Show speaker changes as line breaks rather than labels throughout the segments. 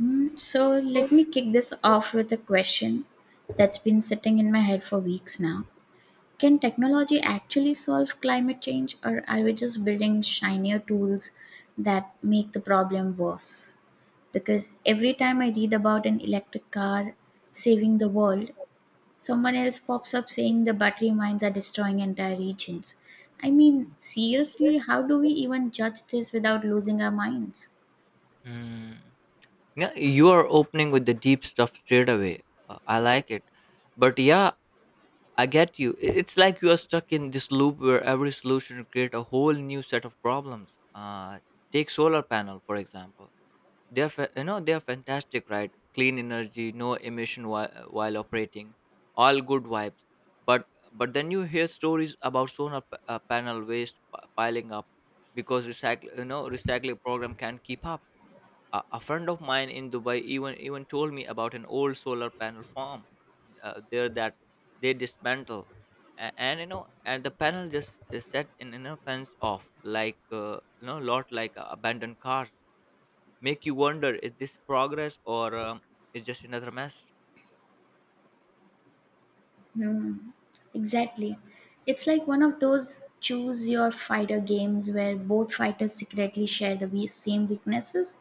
So let me kick this off with a question that's been sitting in my head for weeks now. Can technology actually solve climate change, or are we just building shinier tools that make the problem worse? Because every time I read about an electric car saving the world, someone else pops up saying the battery mines are destroying entire regions. I mean, seriously, how do we even judge this without losing our minds?
Mm. Yeah, you are opening with the deep stuff straight away. I like it. But yeah, I get you. It's like you are stuck in this loop where every solution create a whole new set of problems. Take solar panel for example. You know they're fantastic, right? Clean energy, no emission while operating, all good vibes. But then you hear stories about panel waste piling up because recycle you know recycling program can't keep up a friend of mine in Dubai even told me about an old solar panel farm there that they dismantle and you know and the panel just is set in a fence off like you know lot like abandoned cars. Make you wonder, is this progress or is just another mess?
Hmm. Exactly. It's like one of those choose your fighter games where both fighters secretly share the same weaknesses.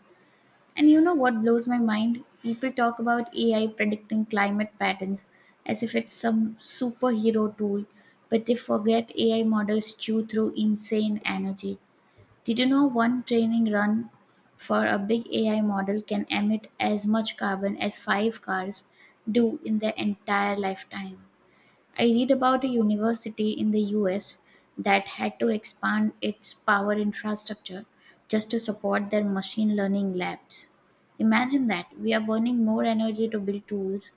And you know what blows my mind? People talk about AI predicting climate patterns as if it's some superhero tool, but they forget AI models chew through insane energy. Did you know one training run for a big AI model can emit as much carbon as five cars do in their entire lifetime? I read about a university in the US that had to expand its power infrastructure just to support their machine learning labs. Imagine that we are burning more energy to build tools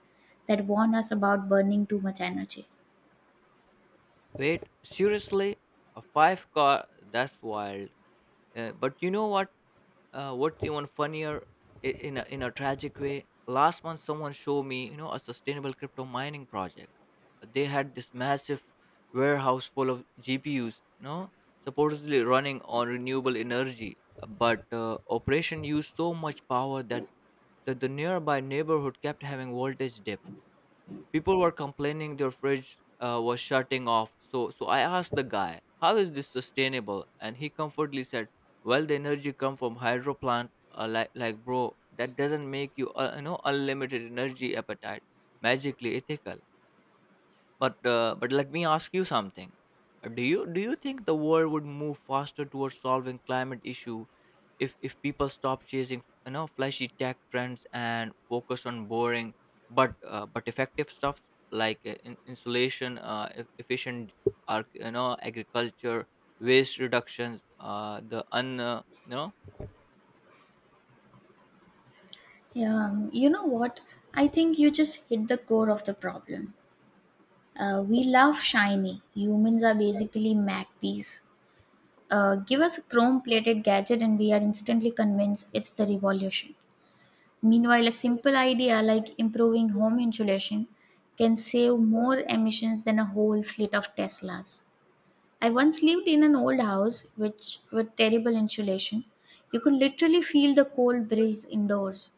that warn us about burning too much energy.
Wait, seriously, a five car, that's wild. But you know what, what even funnier, in in a tragic way, last month someone showed me you know a sustainable crypto mining project. They had this massive warehouse full of GPUs, you know, supposedly running on renewable energy, but operation used so much power that the nearby neighborhood kept having voltage dip. People were complaining their fridge was shutting off, so I asked the guy, how is this sustainable? And he comfortably said, well the energy come from hydro plant. Like bro, that doesn't make you you know unlimited energy appetite magically ethical. But let me ask you something. Do you think the world would move faster towards solving climate issue if people stop chasing you know flashy tech trends and focus on boring but effective stuff, like insulation, efficient you know agriculture, waste reductions, the un you know.
Yeah, you know what? I think you just hit the core of the problem. We love shiny. Humans are basically magpies. Give us a chrome plated gadget and we are instantly convinced it's the revolution. Meanwhile, a simple idea like improving home insulation can save more emissions than a whole fleet of Teslas. I once lived in an old house which with terrible insulation. You could literally feel the cold breeze indoors.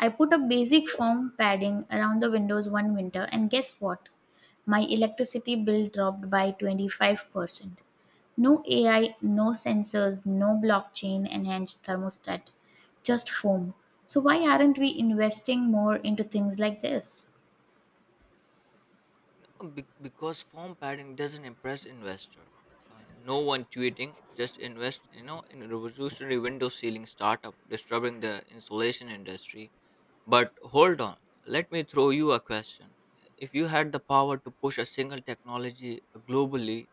I put a basic foam padding around the windows one winter and guess what? My electricity bill dropped by 25%. No AI, no sensors, no blockchain enhanced thermostat, just foam. So, why aren't we investing more into things like this?
Because form padding doesn't impress investor. No one tweeting, just invest, you know, in a revolutionary window sealing startup disturbing the insulation industry. But hold on, let me throw you a question. If you had the power to push a single technology globally,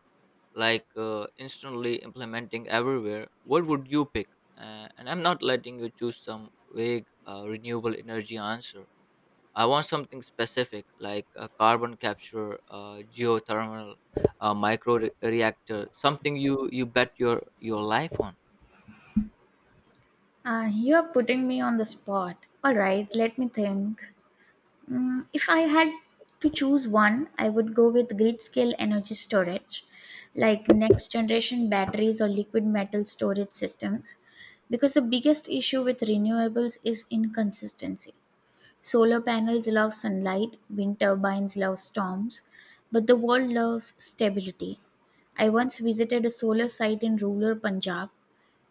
like instantly implementing everywhere, what would you pick? And I'm not letting you choose some vague renewable energy answer. I want something specific, like a carbon capture, geothermal, reactor, something you bet your life on.
You're putting me on the spot. Alright, let me think. Mm, if I had to choose one, I would go with grid scale energy storage, like next generation batteries or liquid metal storage systems, because the biggest issue with renewables is inconsistency. Solar panels love sunlight, wind turbines love storms, but the world loves stability. I once visited a solar site in rural Punjab,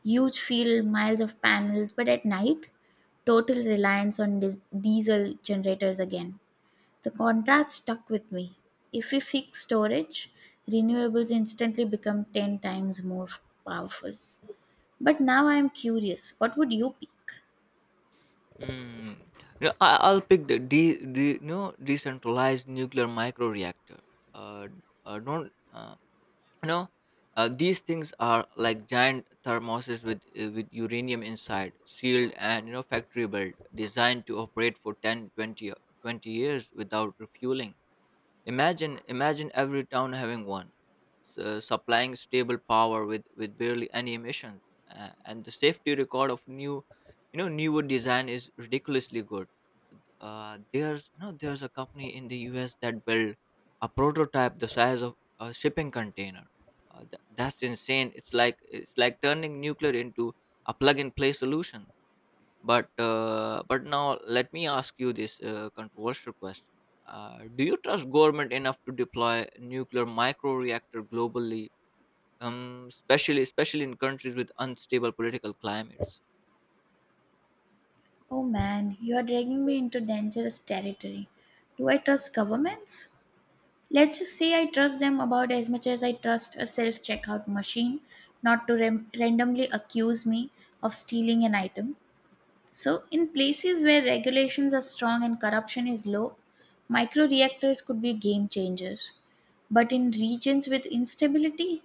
huge field, miles of panels, but at night, total reliance on diesel generators again. The contrast stuck with me. If we fix storage, renewables instantly become 10 times more powerful. But now I am curious what would you pick?
Mm. No, I'll pick the de, de, no decentralized nuclear microreactor. Uh, don't no. These things are like giant thermoses with uranium inside, sealed and you know factory built, designed to operate for 10, 20, 20 years without refueling. Imagine every town having one, supplying stable power with barely any emissions, and the safety record of you know, newer design is ridiculously good. There's you know there's a company in the U.S. that built a prototype the size of a shipping container. That's insane. It's like turning nuclear into a plug-and-play solution. But now let me ask you this controversial question: do you trust government enough to deploy nuclear microreactor globally, especially in countries with unstable political climates?
Oh man, you are dragging me into dangerous territory. Do I trust governments? Let's just say I trust them about as much as I trust a self checkout machine not to randomly accuse me of stealing an item. So, in places where regulations are strong and corruption is low, micro reactors could be game changers. But in regions with instability,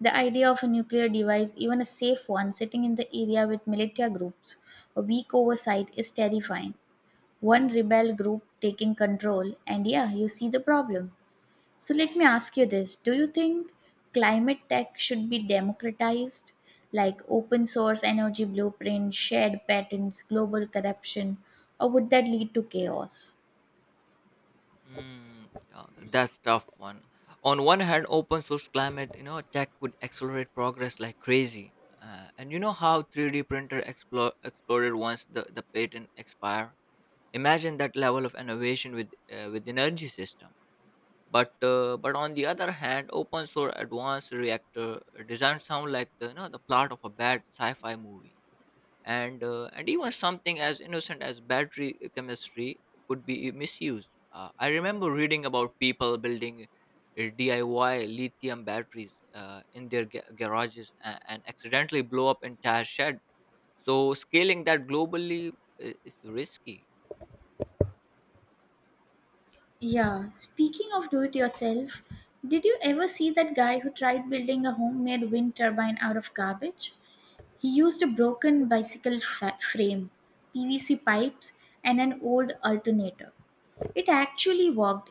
the idea of a nuclear device, even a safe one, sitting in the area with militia groups, a weak oversight is terrifying. One rebel group taking control and yeah, you see the problem. So let me ask you this, do you think climate tech should be democratized, like open source energy blueprint, shared patents, global corruption, or would that lead to chaos?
Mm, that's tough one. On one hand, open source climate, you know, tech could accelerate progress like crazy. And you know how 3D printer exploded once the patent expire. Imagine that level of innovation with energy system. But on the other hand, open source advanced reactor design sound like the you know the plot of a bad sci-fi movie. And even something as innocent as battery chemistry could be misused. I remember reading about people building DIY lithium batteries in their garages, and accidentally blow up entire shed. So scaling that globally is risky.
Yeah, speaking of do it yourself, did you ever see that guy who tried building a homemade wind turbine out of garbage? He used a broken bicycle frame, pvc pipes, and an old alternator. It actually worked.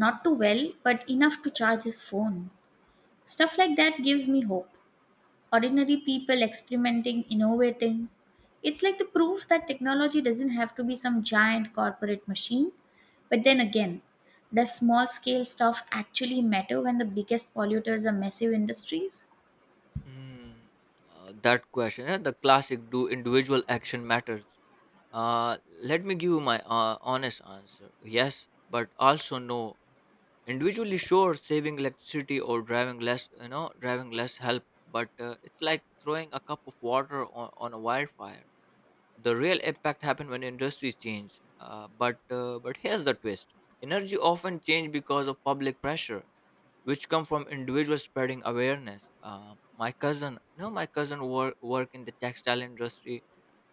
Not too well, but enough to charge his phone. Stuff like that gives me hope. Ordinary people experimenting, innovating. It's like the proof that technology doesn't have to be some giant corporate machine. But then again, does small scale stuff actually matter when the biggest polluters are massive industries?
Hmm, that question, the classic, do individual action matters? Let me give you my honest answer. Yes, but also no. Individually, sure, saving electricity or driving less, you know, driving less help. But it's like throwing a cup of water on a wildfire. The real impact happens when industries change. But here's the twist: energy often change because of public pressure, which come from individuals spreading awareness. My cousin, no, My cousin work in the textile industry,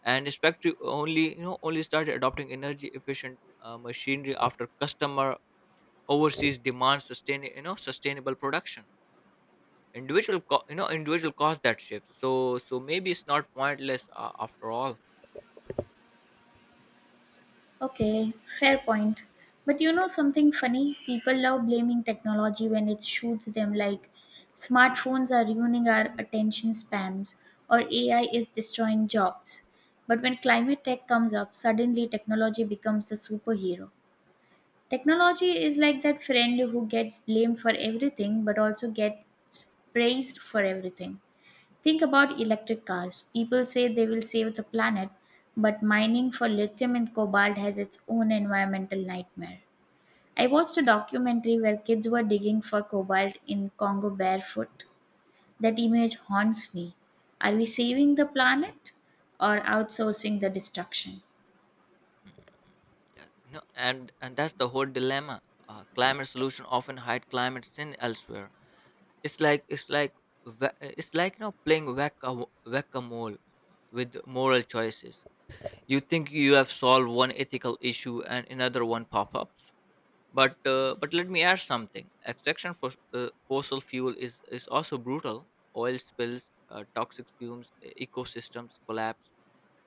and its factory only you know only started adopting energy efficient machinery after customer overseas demands sustain you know sustainable production. You know individual caused that shift. So maybe it's not pointless after all.
Okay, fair point. But you know something funny? People love blaming technology when it shoots them, like smartphones are ruining our attention spans or AI is destroying jobs. But when climate tech comes up, suddenly technology becomes the superhero. Technology is like that friend who gets blamed for everything but also gets praised for everything. Think about electric cars. People say they will save the planet, but mining for lithium and cobalt has its own environmental nightmare. I watched a documentary where kids were digging for cobalt in Congo barefoot. That image haunts me. Are we saving the planet or outsourcing the destruction?
Mm. Yeah, no, and that's the whole dilemma. Climate solution often hide climate sin elsewhere. It's like it's like it's like you know playing whack a mole with moral choices. You think you have solved one ethical issue and another one pop ups. But let me add something, extraction for fossil fuel is also brutal. Oil spills, toxic fumes, ecosystems collapse.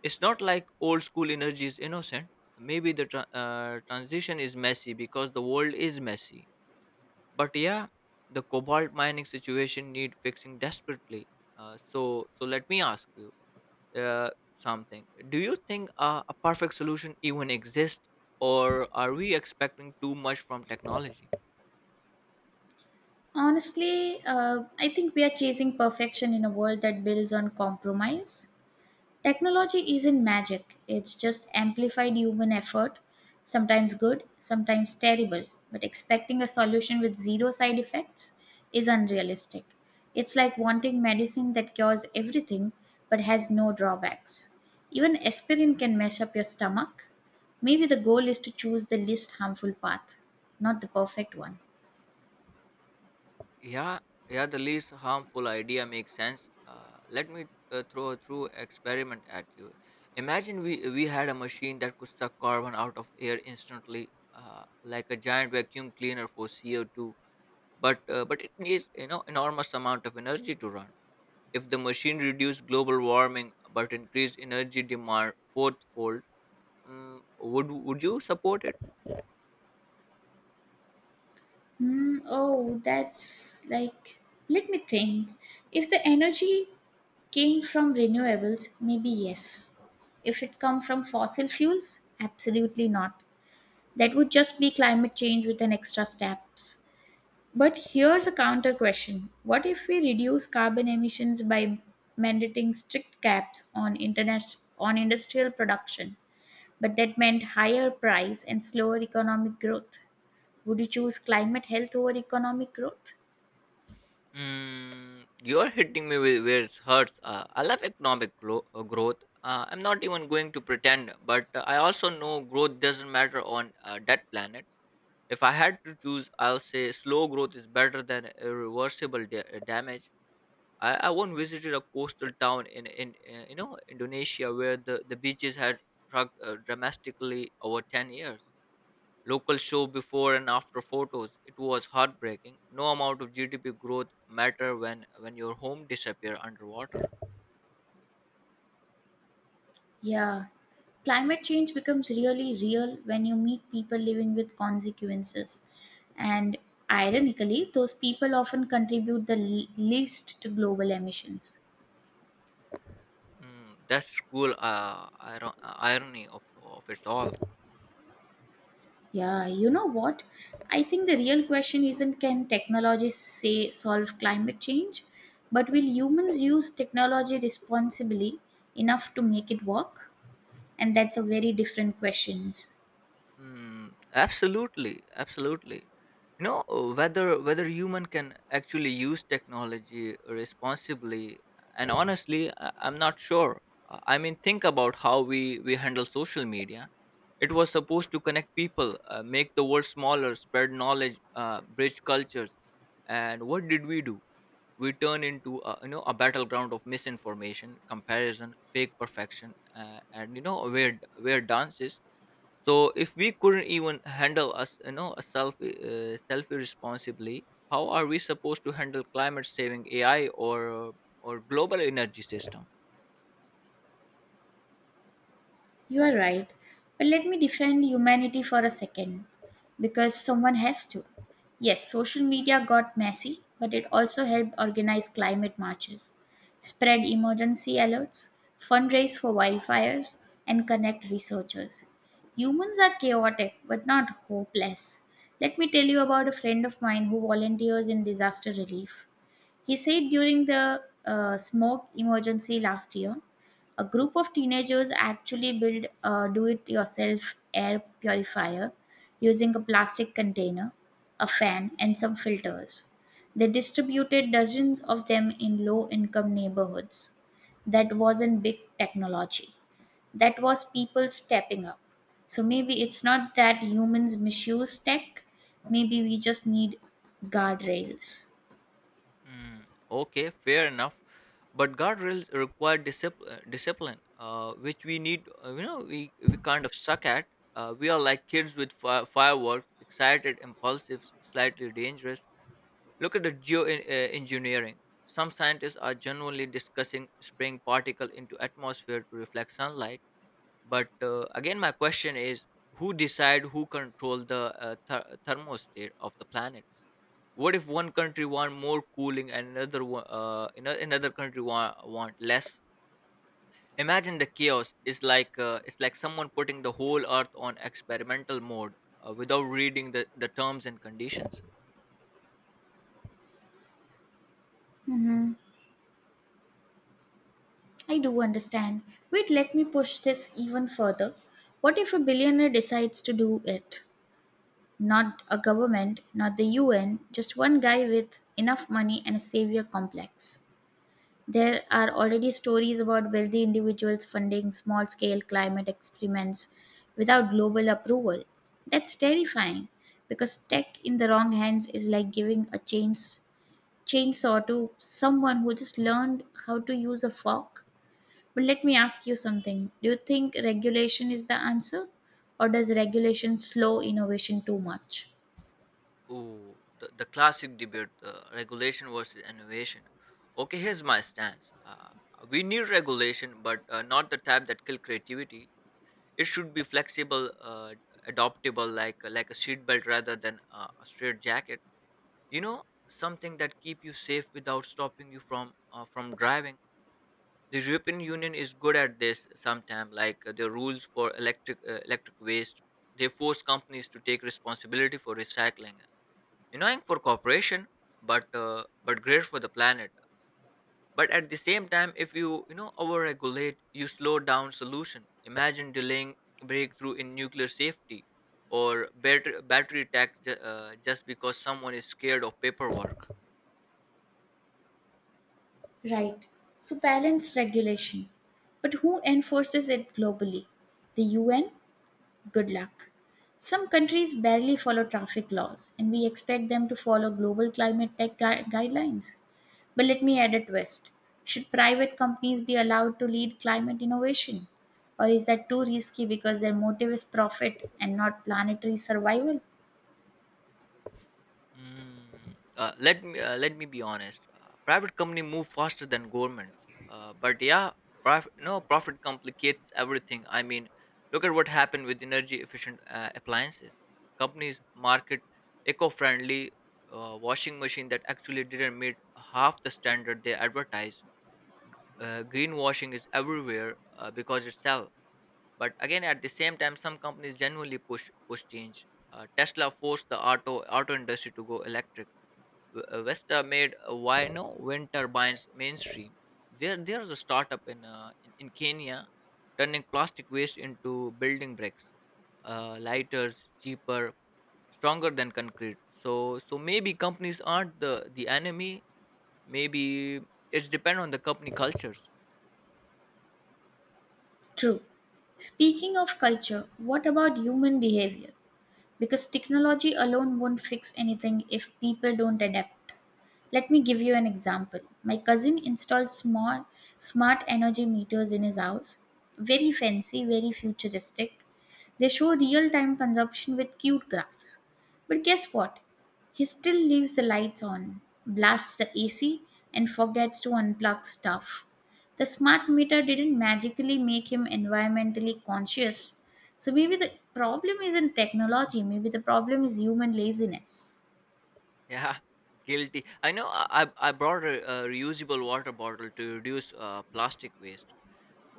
It's not like old school energy is innocent. Maybe the transition is messy because the world is messy. But yeah, the cobalt mining situation need fixing desperately. Uh, so so let me ask you uh, something. Do you think a perfect solution even exists, or are we expecting too much from technology?
Honestly, I think we are chasing perfection in a world that builds on compromise. Technology isn't magic, it's just amplified human effort, sometimes good, sometimes terrible. But expecting a solution with zero side effects is unrealistic. It's like wanting medicine that cures everything but has no drawbacks. Even aspirin can mess up your stomach. Maybe the goal is to choose the least harmful path, not the perfect one.
Yeah, yeah, the least harmful idea makes sense. Let me throw a true experiment at you. Imagine we had a machine that could suck carbon out of air instantly, like a giant vacuum cleaner for CO two. But it needs you know enormous amount of energy to run. If the machine reduced global warming but increased energy demand fourfold, would you support it?
Hmm. Oh, that's like, let me think. If the energy came from renewables, maybe yes. If it come from fossil fuels, absolutely not. That would just be climate change with an extra steps. But here's a counter question. What if we reduce carbon emissions by mandating strict caps on international on industrial production, but that meant higher price and slower economic growth? Would you choose climate health over economic growth?
Mm, you're hitting me with where it hurts. I love growth. I'm not even going to pretend, but I also know growth doesn't matter on that planet. If I had to choose, I'll say slow growth is better than damage. I once visited a coastal town in you know Indonesia, where the beaches had shrunk dramatically over 10 years. Local show before and after photos. It was heartbreaking. No amount of GDP growth matter when your home disappear underwater.
Yeah, climate change becomes really real when you meet people living with consequences. And ironically, those people often contribute the least to global emissions.
Mm, that's cruel irony of it all.
Yeah, you know what? I think the real question isn't can technology say solve climate change, but will humans use technology responsibly enough to make it work? And that's a very different questions.
Mm, absolutely, absolutely. You know whether human can actually use technology responsibly, and honestly, I'm not sure. I mean, think about how we handle social media. It was supposed to connect people, make the world smaller, spread knowledge, bridge cultures. And what did we do? We turn into you know a battleground of misinformation, comparison, fake perfection, and you know where dances. So if we couldn't even handle us, you know, a self self irresponsibly, how are we supposed to handle climate saving AI or global energy system?
You are right. But let me defend humanity for a second because someone has to. Yes, social media got messy, but it also helped organize climate marches, spread emergency alerts, fundraise for wildfires, and connect researchers. Humans are chaotic but not hopeless. Let me tell you about a friend of mine who volunteers in disaster relief. He said during the smoke emergency last year, a group of teenagers actually built a do it yourself air purifier using a plastic container, a fan, and some filters. They distributed dozens of them in low income neighborhoods. That wasn't big technology, that was people stepping up. So maybe it's not that humans misuse tech, maybe we just need guardrails.
Mm, okay, fair enough. But guardrails require discipline, which we need. You know, we kind of suck at. We are like kids with fireworks, excited, impulsive, slightly dangerous. Look at the geoengineering. Some scientists are genuinely discussing spraying particle into atmosphere to reflect sunlight. But Again, my question is, who decide, who control the thermostat of the planet? What if one country want more cooling and another country want less? Imagine the chaos. Is like it's like someone putting the whole earth on experimental mode without reading the terms and conditions.
Mhm. I do understand. Wait, let me push this even further. What if a billionaire decides to do it? Not a government, not the UN, just one guy with enough money and a savior complex. There are already stories about wealthy individuals funding small scale climate experiments without global approval. That's terrifying because tech in the wrong hands is like giving a chainsaw to someone who just learned how to use a fork. But let me ask you something. Do you think regulation is the answer? Or does regulation slow innovation too much?
Ooh, the classic debate, regulation versus innovation. Okay, here's my stance. We need regulation, but not the type that kill creativity. It should be flexible, adoptable, like a seatbelt rather than a straight jacket. You know, something that keep you safe without stopping you from driving. The European Union is good at this sometimes, like the rules for electric electric waste. They force companies to take responsibility for recycling, annoying for corporation, but great for the planet. But at the same time, if you you know overregulate, you slow down solution. Imagine delaying breakthrough in nuclear safety or better battery tech, just because someone is scared of paperwork.
Right. So balance regulation. But who enforces it globally? The UN? Good luck. Some countries barely follow traffic laws, and we expect them to follow global climate tech guidelines. But let me add a twist. Should private companies be allowed to lead climate innovation? Or is that too risky because their motive is profit and not planetary survival?
Mm. Let me be honest. Private company move faster than governments. But yeah, profit no profit complicates everything. I mean, look at what happened with energy efficient appliances. Companies market eco-friendly washing machine that actually didn't meet half the standard they advertise. Greenwashing is everywhere because it sells. But again, at the same time, some companies genuinely push change. Tesla forced the auto industry to go electric. Vesta made Wino wind turbines mainstream. There is a startup in Kenya, turning plastic waste into building bricks, lighters, cheaper, stronger than concrete. So maybe companies aren't the enemy. Maybe it's depend on the company cultures.
True. Speaking of culture, what about human behavior? Because technology alone won't fix anything if people don't adapt. Let me give you an example. My cousin installed small smart energy meters in his house. Very fancy, very futuristic. They show real time consumption with cute graphs. But guess what? He still leaves the lights on, blasts the AC, and forgets to unplug stuff. The smart meter didn't magically make him environmentally conscious. So maybe the problem isn't technology, maybe the problem is human laziness.
Yeah, guilty. I know. I brought a reusable water bottle to reduce plastic waste.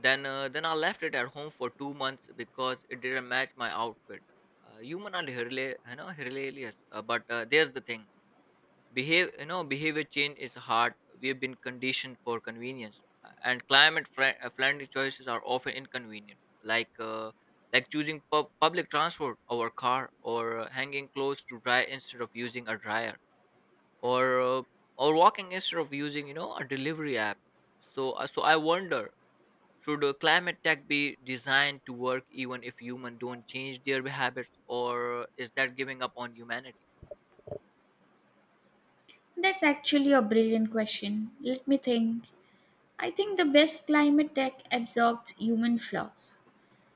Then I left it at home for 2 months because it didn't match my outfit. Human are hilarious. But there's the thing: behavior change is hard. We've been conditioned for convenience, and climate friendly choices are often inconvenient, like like choosing public transport over car, or hanging clothes to dry instead of using a dryer, or or walking instead of using a delivery app. So I wonder. Should climate tech be designed to work even if humans don't change their habits, or is that giving up on humanity?
That's actually a brilliant question. Let me think. I think the best climate tech absorbs human flaws,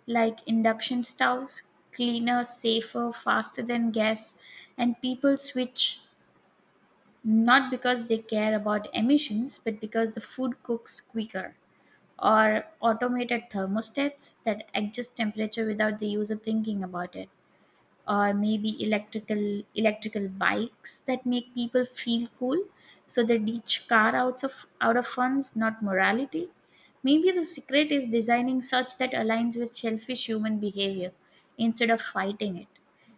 like induction stoves, cleaner, safer, faster than gas, and people switch not because they care about emissions, but because the food cooks quicker, or automated thermostats that adjust temperature without the user thinking about it, or maybe electrical bikes that make people feel cool, so they ditch car out of funds not morality. Maybe the secret is designing such that aligns with selfish human behavior instead of fighting it.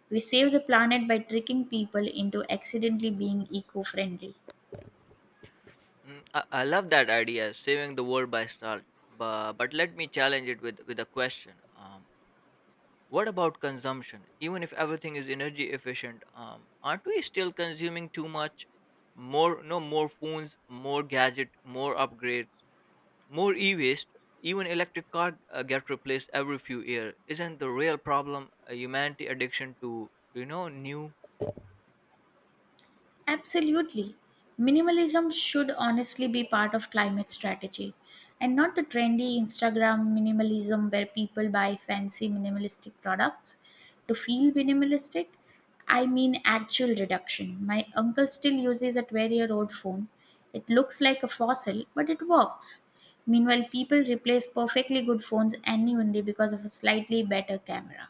We save the planet by tricking people into accidentally being eco-friendly.
I love that idea, saving the world by salt. But let me challenge it with a question. What about consumption? Even if everything is energy efficient, aren't we still consuming too much? More, no, more phones, more gadget, more upgrades. More e-waste, even electric car get replaced every few years. Isn't the real problem a humanity addiction to new?
Absolutely. Minimalism should honestly be part of climate strategy and not the trendy Instagram minimalism where people buy fancy minimalistic products to feel minimalistic. I mean actual reduction. My uncle still uses a 12-year-old phone. It looks like a fossil, but it works. Meanwhile, people replace perfectly good phones annually because of a slightly better camera.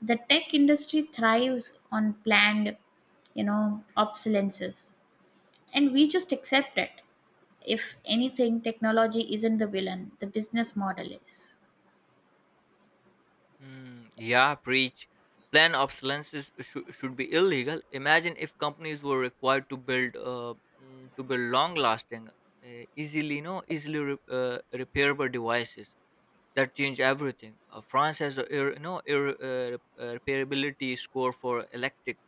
The tech industry thrives on planned, obsolescences, and we just accept it. If anything, technology isn't the villain; the business model is.
Hmm, yeah, preach. Planned obsolescence should be illegal. Imagine if companies were required to build long-lasting, easily you know easily re- repairable devices. That change everything. France has a repairability score for electric.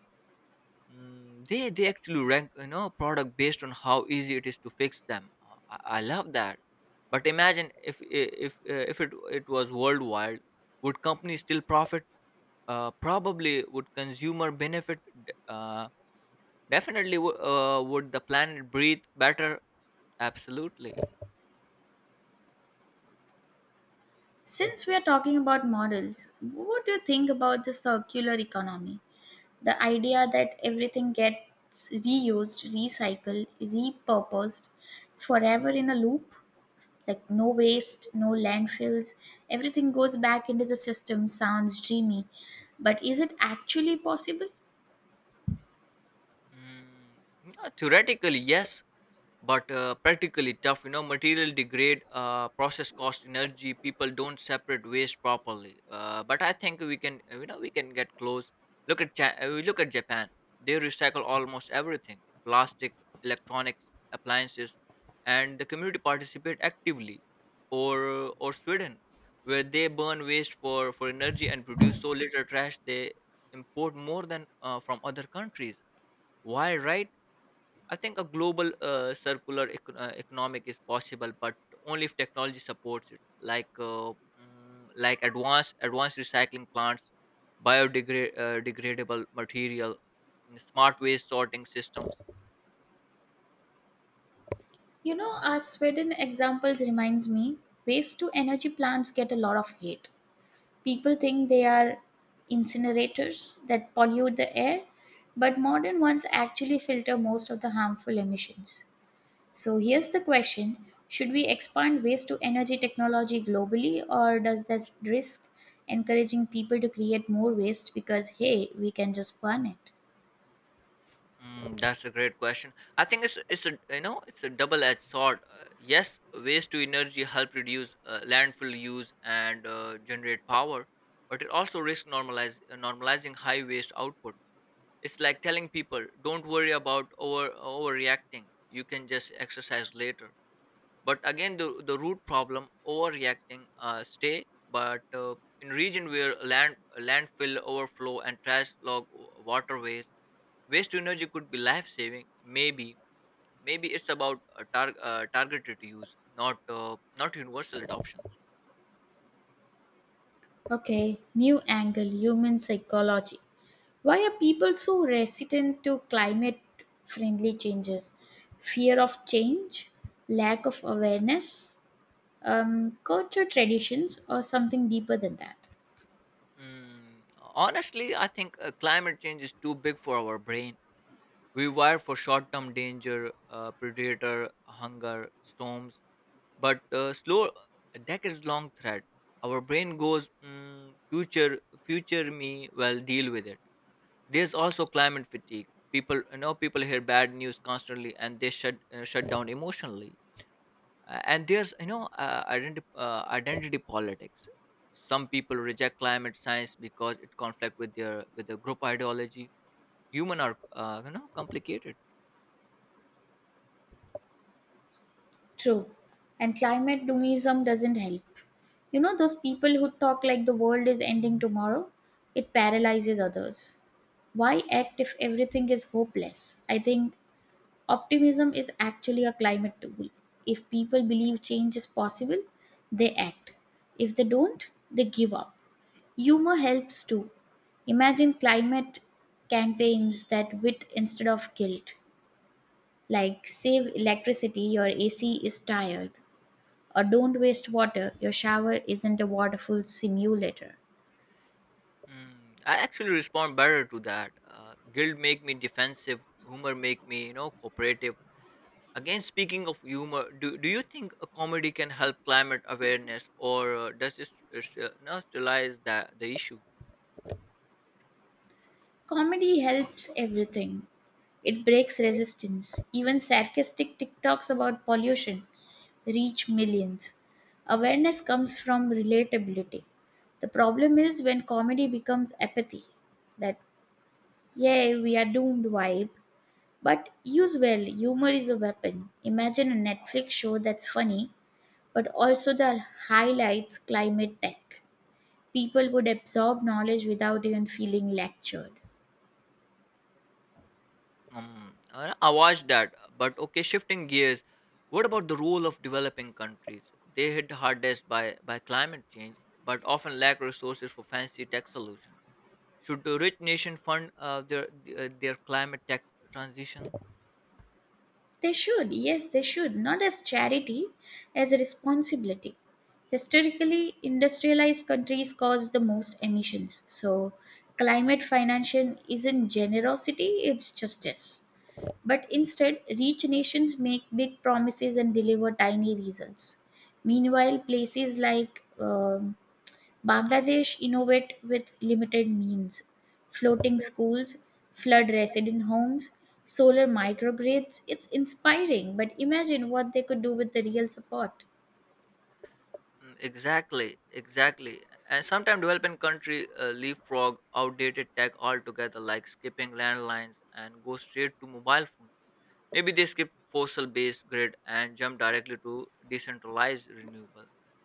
They actually rank product based on how easy it is to fix them. I love that. But imagine if I- if it was worldwide, would companies still profit? Probably. Would consumer benefit? D- Uh, Definitely. Would the planet breathe better? Absolutely.
Since we are talking about models, what do you think about the circular economy? The idea that everything gets reused, recycled, repurposed forever in a loop? Like no waste, no landfills, everything goes back into the system. Sounds dreamy, but is it actually possible?
Mm, yeah, theoretically, yes. But practically tough, material degrade, process cost energy, people don't separate waste properly, but I think we can, we can get close. We look at Japan. They recycle almost everything: plastic, electronics, appliances, and the community participate actively. Or Sweden, where they burn waste for energy and produce so little trash they import more than from other countries. Why? Right? I think a global circular economic is possible, but only if technology supports it, like like advanced recycling plants, biodegradable degradable material, smart waste sorting systems.
You know, our Sweden examples reminds me, waste to energy plants get a lot of hate. People think they are incinerators that pollute the air, but modern ones actually filter most of the harmful emissions. So here's the question, should we expand waste to energy technology globally, or does this risk encouraging people to create more waste because, hey, we can just burn it?
That's a great question. I think it's a double-edged sword. Yes, waste to energy help reduce landfill use and generate power, but it also risks normalize normalizing high waste output. It's like telling people don't worry about overreacting. You can just exercise later. But again, the root problem overreacting stay. But in region where landfill overflow and trash log waterways, waste to energy could be life saving. Maybe it's about a targeted use, not universal adoptions.
Okay, new angle, human psychology. Why are people so resistant to climate friendly changes? Fear of change, lack of awareness, culture traditions, or something deeper than that?
Honestly, I think climate change is too big for our brain. We wire for short-term danger, predator, hunger, storms, but slow, a decades-long threat. Our brain goes, future me will deal with it. There's also climate fatigue. People hear bad news constantly, and they shut down emotionally. And there's identity politics. Some people reject climate science because it conflict with their group ideology. Human are, complicated.
True. And climate doomism doesn't help. You know, those people who talk like the world is ending tomorrow, it paralyzes others. Why act if everything is hopeless? I think optimism is actually a climate tool. If people believe change is possible, they act. If they don't, they give up. Humor helps too. Imagine climate campaigns that wit instead of guilt, like save electricity, your AC is tired, or don't waste water, your shower isn't a waterful simulator.
I actually respond better to that. Guilt make me defensive. Humor make me, cooperative. Again, speaking of humor, do you think a comedy can help climate awareness, or does it st- st- no, sterilize that the issue?
Comedy helps everything. It breaks resistance. Even sarcastic TikToks about pollution reach millions. Awareness comes from relatability. The problem is when comedy becomes apathy, that, yay, we are doomed vibe. But use well, humor is a weapon. Imagine a Netflix show that's funny, but also that highlights climate tech. People would absorb knowledge without even feeling lectured.
I watched that, but okay. Shifting gears, what about the role of developing countries? They hit hardest by climate change, but often lack resources for fancy tech solutions. Should the rich nation fund their climate tech transition?
They should, yes, they should, not as charity, as a responsibility. Historically, industrialized countries cause the most emissions. So, climate financing isn't generosity, it's justice. But instead, rich nations make big promises and deliver tiny results. Meanwhile, places like Bangladesh innovate with limited means. Floating schools, flood resident homes, solar microgrids. It's inspiring, but imagine what they could do with the real support.
Exactly, exactly. And sometimes developing country leapfrog outdated tech altogether, like skipping landlines and go straight to mobile phones. Maybe they skip fossil-based grid and jump directly to decentralized renewable.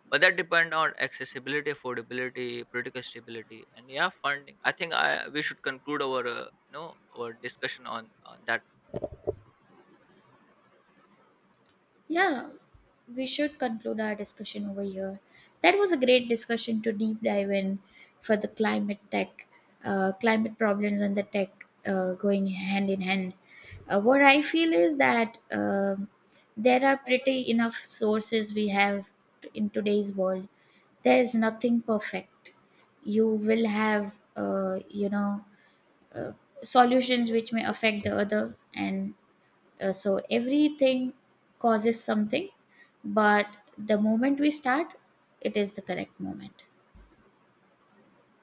But that depend on accessibility, affordability, political stability, and yeah, funding. I think I we should conclude our our discussion on that.
Yeah, we should conclude our discussion over here. That was a great discussion to deep dive in for the climate tech, climate problems and the tech going hand in hand. What I feel is that there are pretty enough sources we have in today's world. There is nothing perfect. You will have, uh, solutions which may affect the other and so everything causes something, but the moment we start, it is the correct moment.